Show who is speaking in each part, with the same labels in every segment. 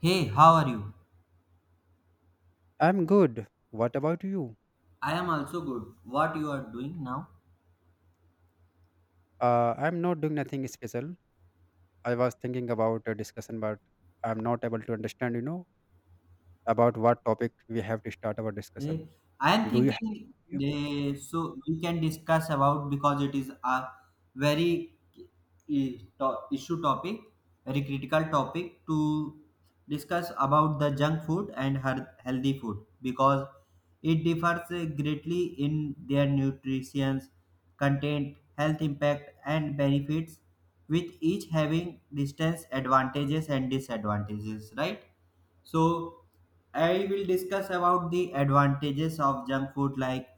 Speaker 1: Hey, how are you?
Speaker 2: I'm good. What about you?
Speaker 1: I am also good. What you are doing now?
Speaker 2: I'm not doing nothing special. I was thinking about a discussion, but I'm not able to understand, about what topic we have to start our
Speaker 1: Eh,
Speaker 2: discussion.
Speaker 1: I am
Speaker 2: Do you have
Speaker 1: thinking
Speaker 2: you?
Speaker 1: so we can discuss about because it is very issue topic, very critical topic to discuss about the junk food and her healthy food because it differs greatly in their nutrition content, health impact, and benefits, with each having distance advantages and disadvantages, right? So, I will discuss about the advantages of junk food like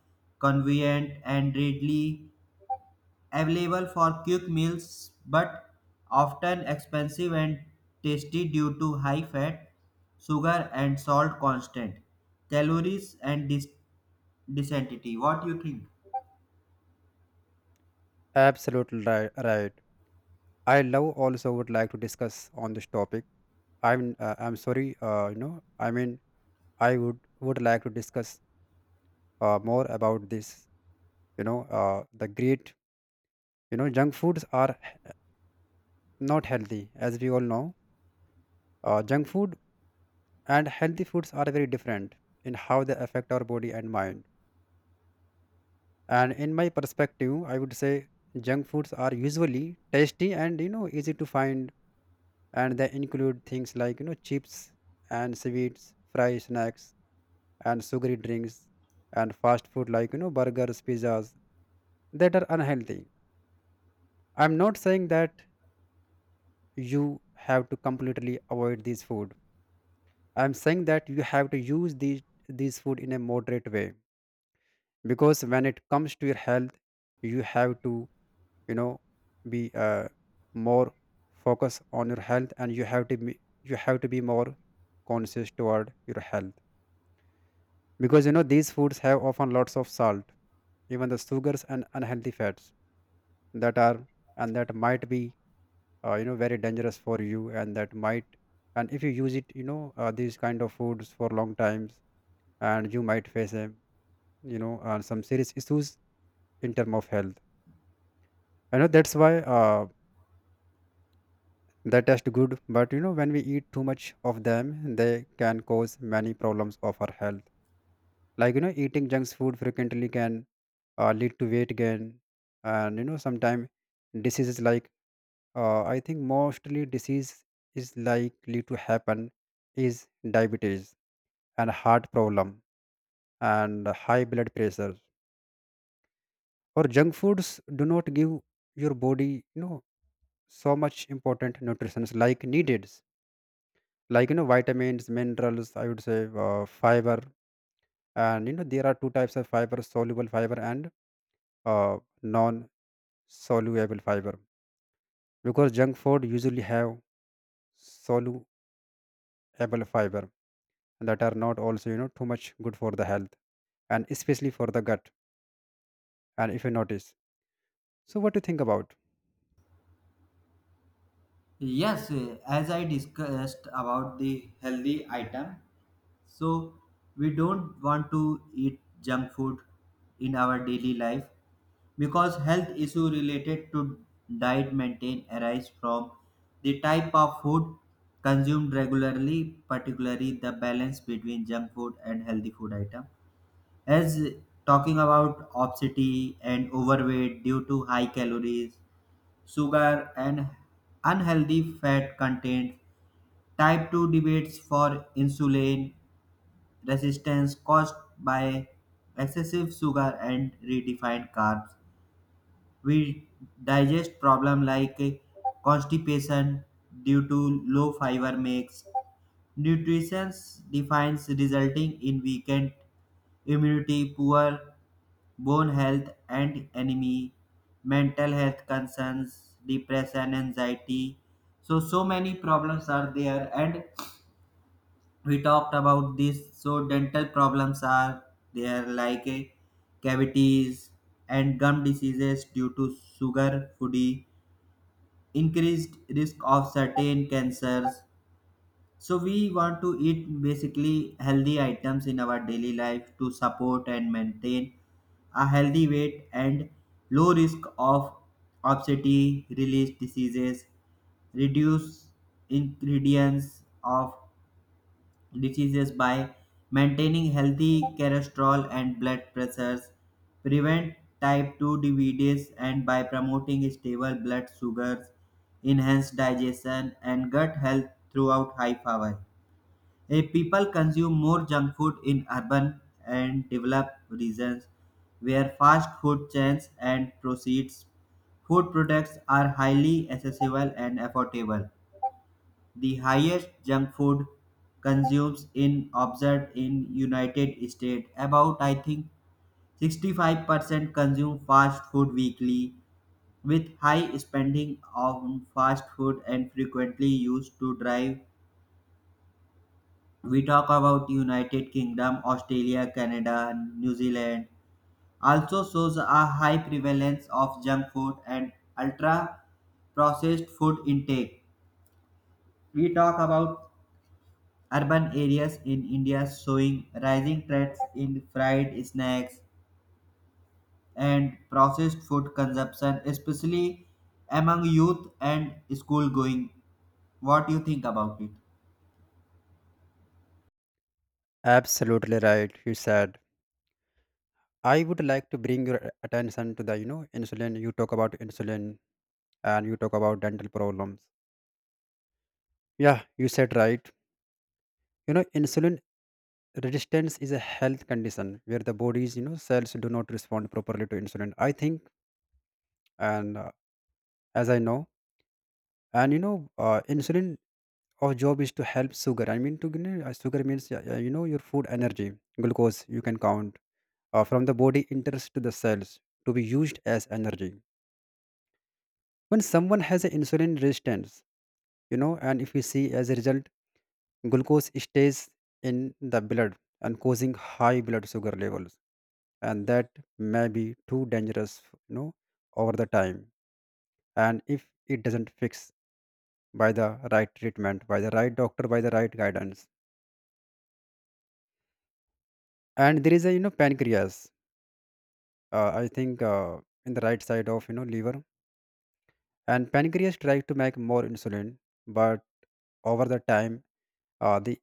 Speaker 1: convenient and readily available for quick meals but often expensive and tasty due to high fat, sugar, and salt content, calories, and density. What do you think?
Speaker 2: Absolutely right, right. I love also would like to discuss on this topic. I'm sorry, I would like to discuss more about this. The great, junk foods are not healthy, as we all know. Junk food and healthy foods are very different in how they affect our body and mind, and in my perspective, I would say junk foods are usually tasty, and you know, easy to find, and they include things like, you know, chips and sweets, fried snacks and sugary drinks, and fast food like, you know, burgers, pizzas, that are unhealthy. I'm not saying that you have to completely avoid these food. I'm saying that you have to use these food in a moderate way, because when it comes to your health, you have to, you know, be more focused on your health, and you have to be, more conscious toward your health, because you know, these foods have often lots of salt, even the sugars and unhealthy fats that are, and that might be, you know, very dangerous for you, and that might, and if you use it, you know, these kind of foods for long times, and you might face a, you know, some serious issues in term of health. You know, that's why, uh, they taste good, but you know, when we eat too much of them, they can cause many problems of our health, like you know, eating junk food frequently can, lead to weight gain, and you know, sometimes diseases like, I think mostly disease is likely to happen is diabetes and heart problem and high blood pressure, or junk foods do not give your body, you know, so much important nutrients like needed, like you know, vitamins, minerals, I would say fiber. And you know, there are two types of fiber, soluble fiber and uh, non soluble fiber, because junk food usually have soluble fiber that are not also, you know, too much good for the health, and especially for the gut. And if you notice, so what do you think about?
Speaker 1: Yes, as I discussed about the healthy item, so we don't want to eat junk food in our daily life because health issue related to diet maintain arise from the type of food consumed regularly, particularly the balance between junk food and healthy food item. As talking about obesity and overweight due to high calories, sugar and unhealthy fat content, type 2 debates for insulin resistance caused by excessive sugar and refined carbs. We digest problems like constipation due to low fiber mix. Nutrition defines resulting in weakened immunity, poor bone health and anemia, mental health concerns, depression, anxiety. So many problems are there, and we talked about this, so dental problems are there like cavities and gum diseases due to sugar foodie, increased risk of certain cancers. So we want to eat basically healthy items in our daily life to support and maintain a healthy weight and low risk of obesity release diseases, reduce ingredients of diseases by maintaining healthy cholesterol and blood pressures, prevent type 2 diabetes, and by promoting stable blood sugars, enhance digestion and gut health throughout high power. People consume more junk food in urban and developed regions where fast food chains and proceeds food products are highly accessible and affordable. The highest junk food consumes in observed in United States. About I think 65% consume fast food weekly, with high spending on fast food and frequently used to drive. We talk about United Kingdom, Australia, Canada, New Zealand. Also shows a high prevalence of junk food and ultra processed food intake. We talk about urban areas in India showing rising trends in fried snacks and processed food consumption, especially among youth and school going. What do you think about it?
Speaker 2: Absolutely right, you said. I would like to bring your attention to the, you know, insulin. You talk about insulin and you talk about dental problems. Yeah, you said right. You know, insulin resistance is a health condition where the body's, you know, cells do not respond properly to insulin, I think. And as I know, and you know, insulin, our job is to help sugar, I mean to, sugar means you know, your food energy, glucose, you can count, from the body enters to the cells to be used as energy. When someone has an insulin resistance, you know, and if you see, as a result, glucose stays in the blood and causing high blood sugar levels, and that may be too dangerous, you know, over the time, and if it doesn't fix by the right treatment, by the right doctor, by the right guidance, and there is a, you know, pancreas, I think in the right side of, you know, liver, and pancreas tries to make more insulin, but over the time, the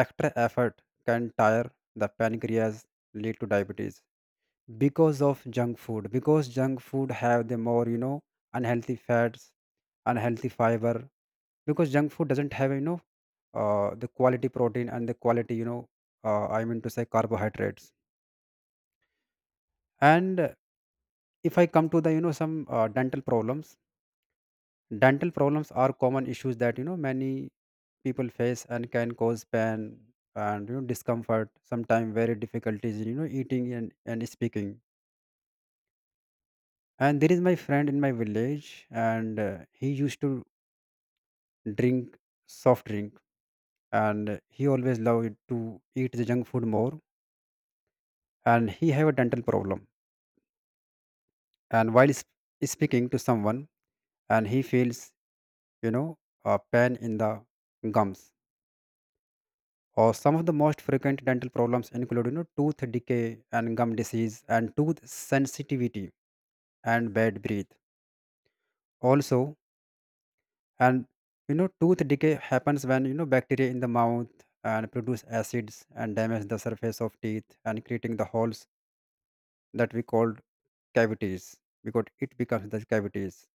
Speaker 2: extra effort can tire the pancreas, lead to diabetes, because of junk food, because junk food have the more, you know, unhealthy fats, unhealthy fiber, because junk food doesn't have, you know, the quality protein and the quality, you know, I mean to say, carbohydrates. And if I come to the, you know, some dental problems, dental problems are common issues that, you know, many people face and can cause pain and, you know, discomfort, sometimes very difficulties in, you know, eating and speaking. And there is my friend in my village, and he used to drink soft drink, and he always loved to eat the junk food more, and he have a dental problem, and while speaking to someone, and he feels, you know, a pain in the gums, or some of the most frequent dental problems include, you know, tooth decay and gum disease and tooth sensitivity and bad breath also. And you know, tooth decay happens when, you know, bacteria in the mouth and produce acids and damage the surface of teeth and creating the holes that we called cavities, because it becomes the cavities.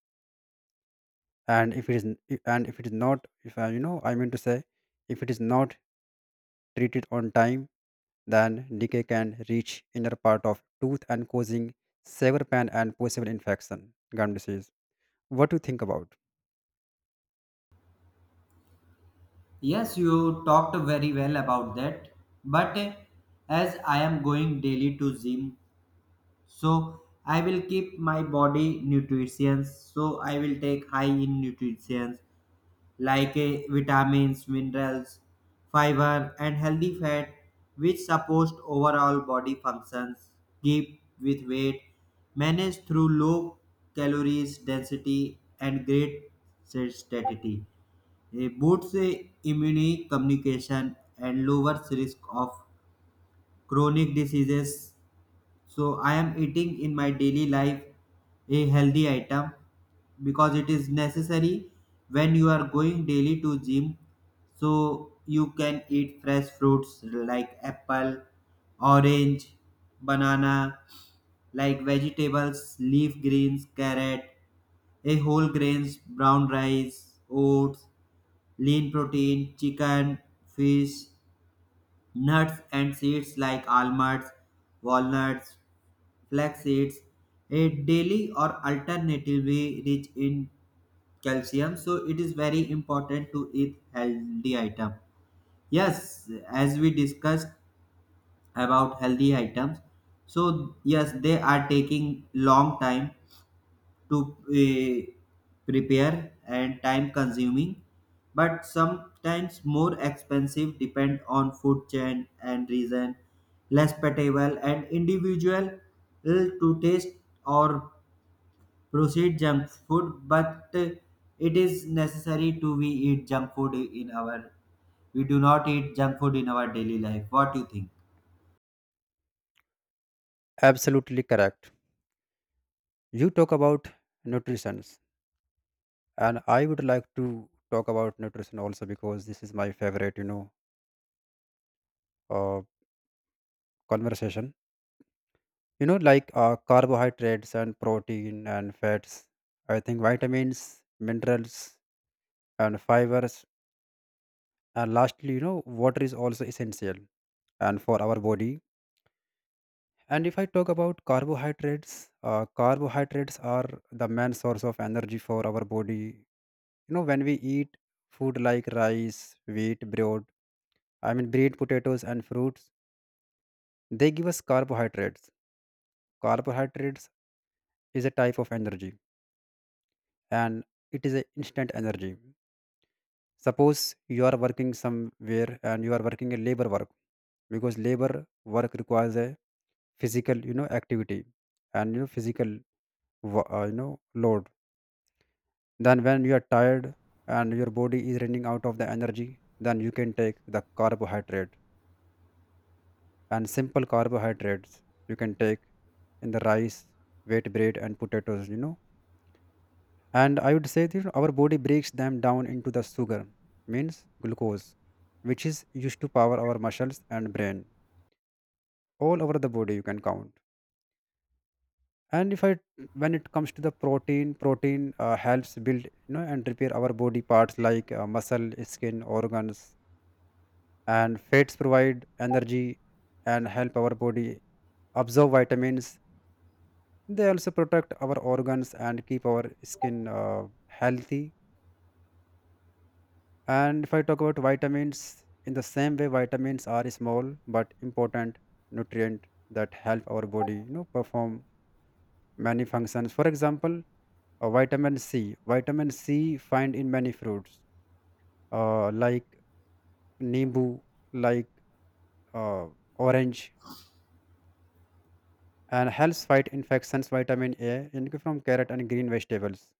Speaker 2: And if it is n- I- and if it is not, if I, you know I mean to say if it is not treated on time, then decay can reach inner part of tooth and causing sever pain and possible infection, gum disease. What do you think about?
Speaker 1: Yes, you talked very well about that. But as I am going daily to gym, so I will keep my body nutrition. So I will take high in nutrition like vitamins, minerals, fiber, and healthy fat, which supports overall body functions, keep with weight, managed through low calories density and great satiety. It boosts immune communication and lowers risk of chronic diseases. So I am eating in my daily life a healthy item because it is necessary. When you are going daily to gym, so you can eat fresh fruits like apple, orange, banana, like vegetables, leaf greens, carrot, a whole grains, brown rice, oats, lean protein, chicken, fish, nuts and seeds like almonds, walnuts, flax seeds a daily, or alternatively rich in calcium. So it is very important to eat healthy item. Yes, as we discussed about healthy items, so yes, they are taking long time to uh, prepare and time consuming, but sometimes more expensive depend on food chain and reason, less palatable and individual to taste, or proceed junk food, but it is necessary to we eat junk food in our we do not eat junk food in our daily life. What do you think?
Speaker 2: Absolutely correct. You talk about nutrition, and I would like to talk about nutrition also, because this is my favorite, you know, uh, conversation. You know, like carbohydrates and protein and fats, I think vitamins, minerals and fibers, and lastly, you know, water is also essential, and for our body. And if I talk about carbohydrates, carbohydrates are the main source of energy for our body. You know, when we eat food like rice, wheat bread, I mean bread, potatoes and fruits, they give us carbohydrates. Carbohydrates is a type of energy, and it is an instant energy. Suppose you are working somewhere and you are working a labor work, because labor work requires a physical, you know, activity, and you know, physical you know, load. Then when you are tired and your body is running out of the energy, then you can take the carbohydrate, and simple carbohydrates you can take in the rice, wheat bread and potatoes, you know. And I would say that our body breaks them down into the sugar, means glucose, which is used to power our muscles and brain, all over the body you can count. And if I when it comes to the protein, protein helps build, you know, and repair our body parts like muscle, skin, organs. And fats provide energy and help our body absorb vitamins. They also protect our organs and keep our skin healthy. And if I talk about vitamins, in the same way, vitamins are a small but important nutrient that help our body, you know, perform many functions. For example, vitamin C. Vitamin C find in many fruits, like nimbu, like uh, orange, and helps fight infections. Vitamin A, in from carrot and green vegetables.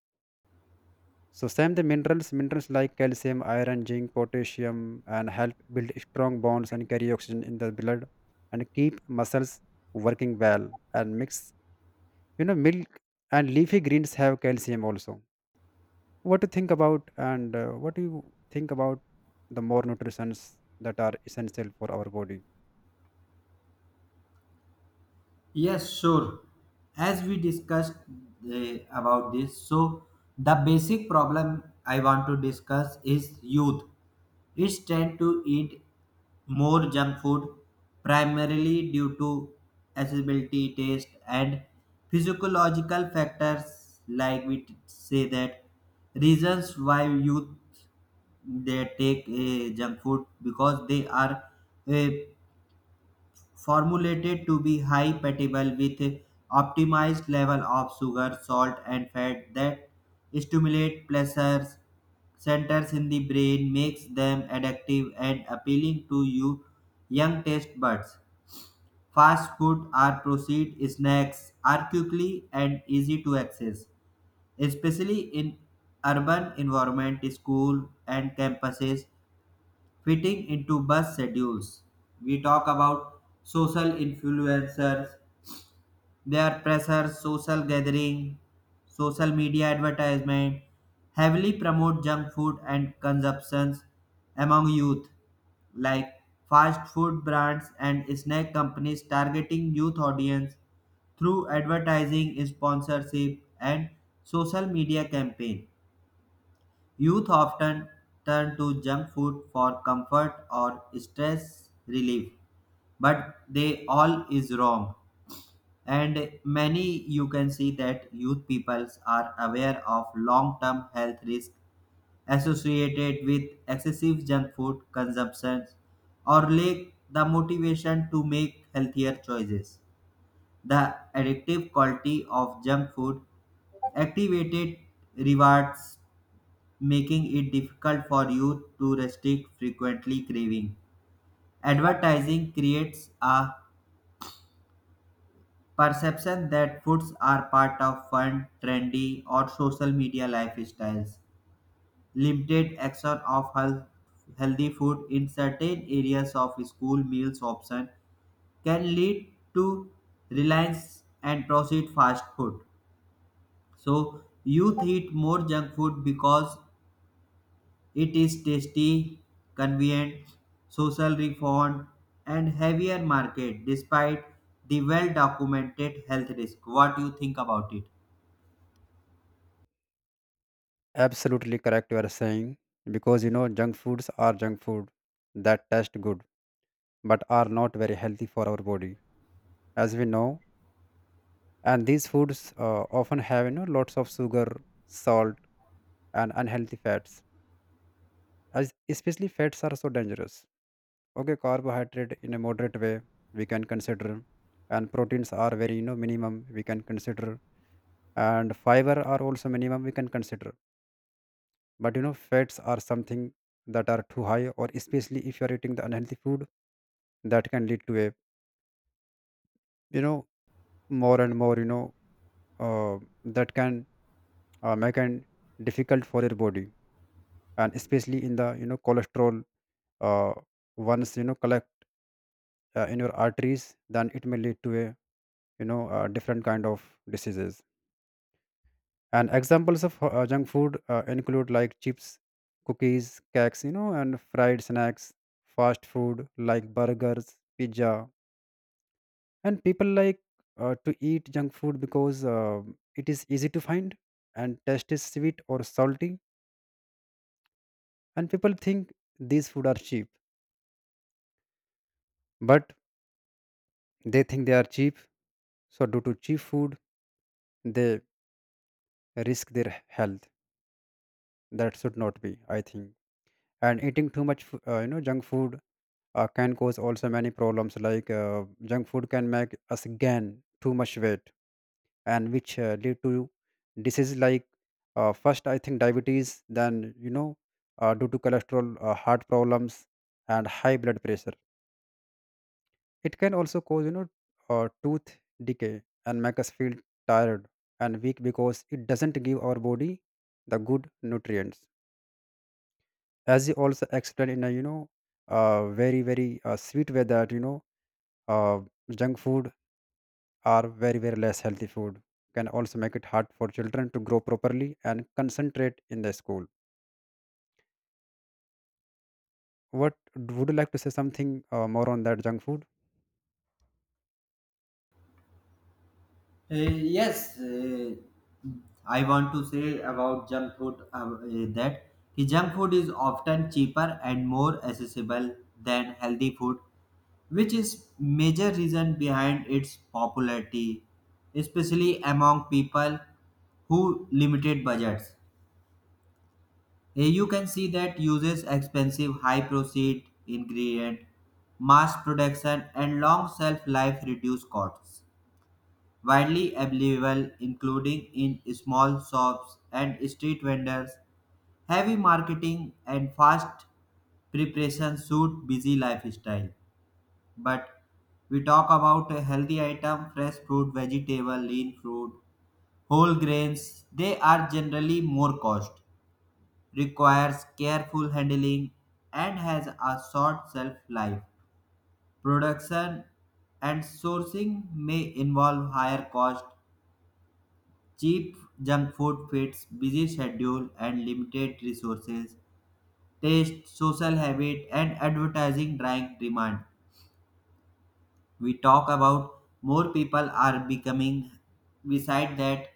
Speaker 2: So same the minerals, minerals like calcium, iron, zinc, potassium, and help build strong bonds and carry oxygen in the blood, and keep muscles working well, and mix, you know, milk and leafy greens have calcium also. What do you think about, and what do you think about the more nutrients that are essential for our body?
Speaker 1: Yes, sure. As we discussed about this, so the basic problem I want to discuss is youth. It's tend to eat more junk food primarily due to accessibility, taste, and physiological factors. Like say that reasons why youth they take junk food because they are uh, formulated to be high compatible with optimized level of sugar, salt, and fat that stimulate pleasure centers in the brain, makes them addictive and appealing to you young taste buds. Fast food or processed snacks are quickly and easy to access, especially in urban environment, school and campuses, fitting into bus schedules. We talk about social influencers, their pressures, social gathering, social media advertisement heavily promote junk food and consumptions among youth, like fast food brands and snack companies targeting youth audience through advertising, sponsorship, and social media campaign. Youth often turn to junk food for comfort or stress relief, but they all is wrong. And many you can see that youth peoples are aware of long-term health risk associated with excessive junk food consumption, or lack the motivation to make healthier choices. The addictive quality of junk food activated rewards, making it difficult for youth to restrict frequently craving. Advertising creates a perception that foods are part of fun, trendy, or social media lifestyles. Limited action of health, healthy food in certain areas of school meals option can lead to reliance and processed fast food. So youth eat more junk food because it is tasty, convenient, social reformed, and heavier market despite the well documented health risk. What do you think about it?
Speaker 2: Absolutely correct you are saying, because you know, junk foods are junk food that taste good but are not very healthy for our body. As we know, and these foods often have, you know, lots of sugar, salt and unhealthy fats, as especially fats are so dangerous. Okay, carbohydrate in a moderate way we can consider, and proteins are very, you know, minimum we can consider, and fiber are also minimum we can consider, but you know, fats are something that are too high, or especially if you are eating the unhealthy food, that can lead to a, you know, more and more, you know, uh, that can make it difficult for your body, and especially in the, you know, cholesterol, uh, once, you know, collect in your arteries, then it may lead to a, you know, different kind of diseases. And examples of junk food include like chips, cookies, cakes, you know, and fried snacks, fast food like burgers, pizza. And people like to eat junk food because it is easy to find, and taste is sweet or salty, and people think these food are cheap, but they think they are cheap. So due to cheap food, they risk their health. That should not be, I think. And eating too much, you know, junk food can cause also many problems. Like junk food can make us gain too much weight, and which lead to diseases like first I think diabetes, then you know, due to cholesterol, heart problems, and high blood pressure. It can also cause, you know, tooth decay, and make us feel tired and weak, because it doesn't give our body the good nutrients. As you also explained in a, you know, very, very sweet way that, you know, uh, junk food are very, very less healthy food, can also make it hard for children to grow properly and concentrate in the school. What would you like to say something more on that junk food?
Speaker 1: Yes, I want to say about junk food that the junk food is often cheaper and more accessible than healthy food, which is major reason behind its popularity, especially among people who limited budgets. You can see that uses expensive high proceed ingredient, mass production and long shelf life reduce costs. Widely available including in small shops and street vendors. Heavy marketing and fast preparation suit busy lifestyle. But we talk about a healthy item, fresh fruit, vegetable, lean fruit, whole grains, they are generally more cost, requires careful handling and has a short shelf life. Production and sourcing may involve higher cost. Cheap junk food fits busy schedule and limited resources. Taste, social habit, and advertising drive demand. We talk about more people are becoming, beside that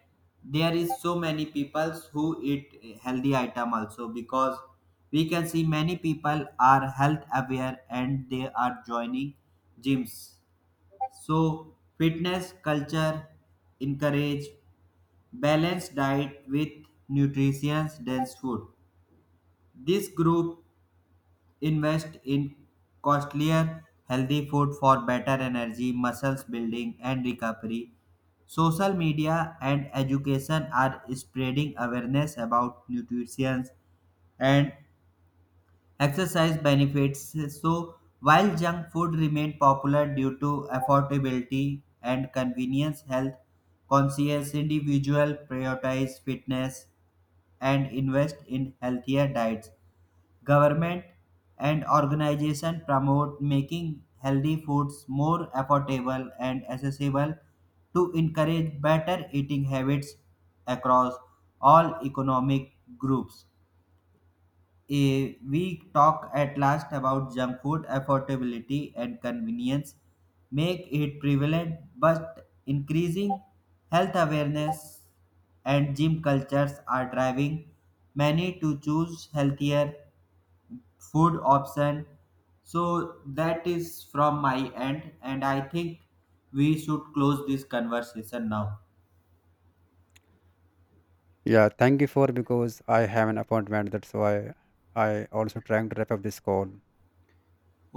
Speaker 1: there is so many people who eat healthy item also, because we can see many people are health aware and they are joining gyms. So fitness culture encourage balanced diet with nutritious dense food. This group invest in costlier healthy food for better energy, muscles building, and recovery. Social media and education are spreading awareness about nutrition and exercise benefits. So, while junk food remained popular due to affordability and convenience, health conscious individuals prioritize fitness and invest in healthier diets. Government and organizations promote making healthy foods more affordable and accessible to encourage better eating habits across all economic groups. We talk at last about junk food affordability and convenience make it prevalent, but increasing health awareness and gym cultures are driving many to choose healthier food option. So that is from my end, and I think we should close this conversation now.
Speaker 2: Yeah, thank you for, because I have an appointment. That's why I also trying to wrap up this call.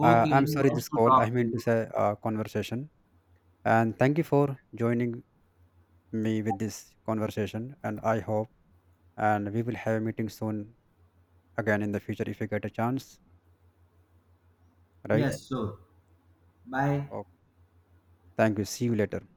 Speaker 1: Okay,
Speaker 2: I'm sorry,
Speaker 1: nice
Speaker 2: this
Speaker 1: to
Speaker 2: call. I
Speaker 1: talk to
Speaker 2: meant to
Speaker 1: you.
Speaker 2: say conversation. And thank you for joining me with this conversation. And I hope, and we will have a meeting soon again in the future if you get a chance, right?
Speaker 1: Yes, so bye.
Speaker 2: Oh, thank you. See you later.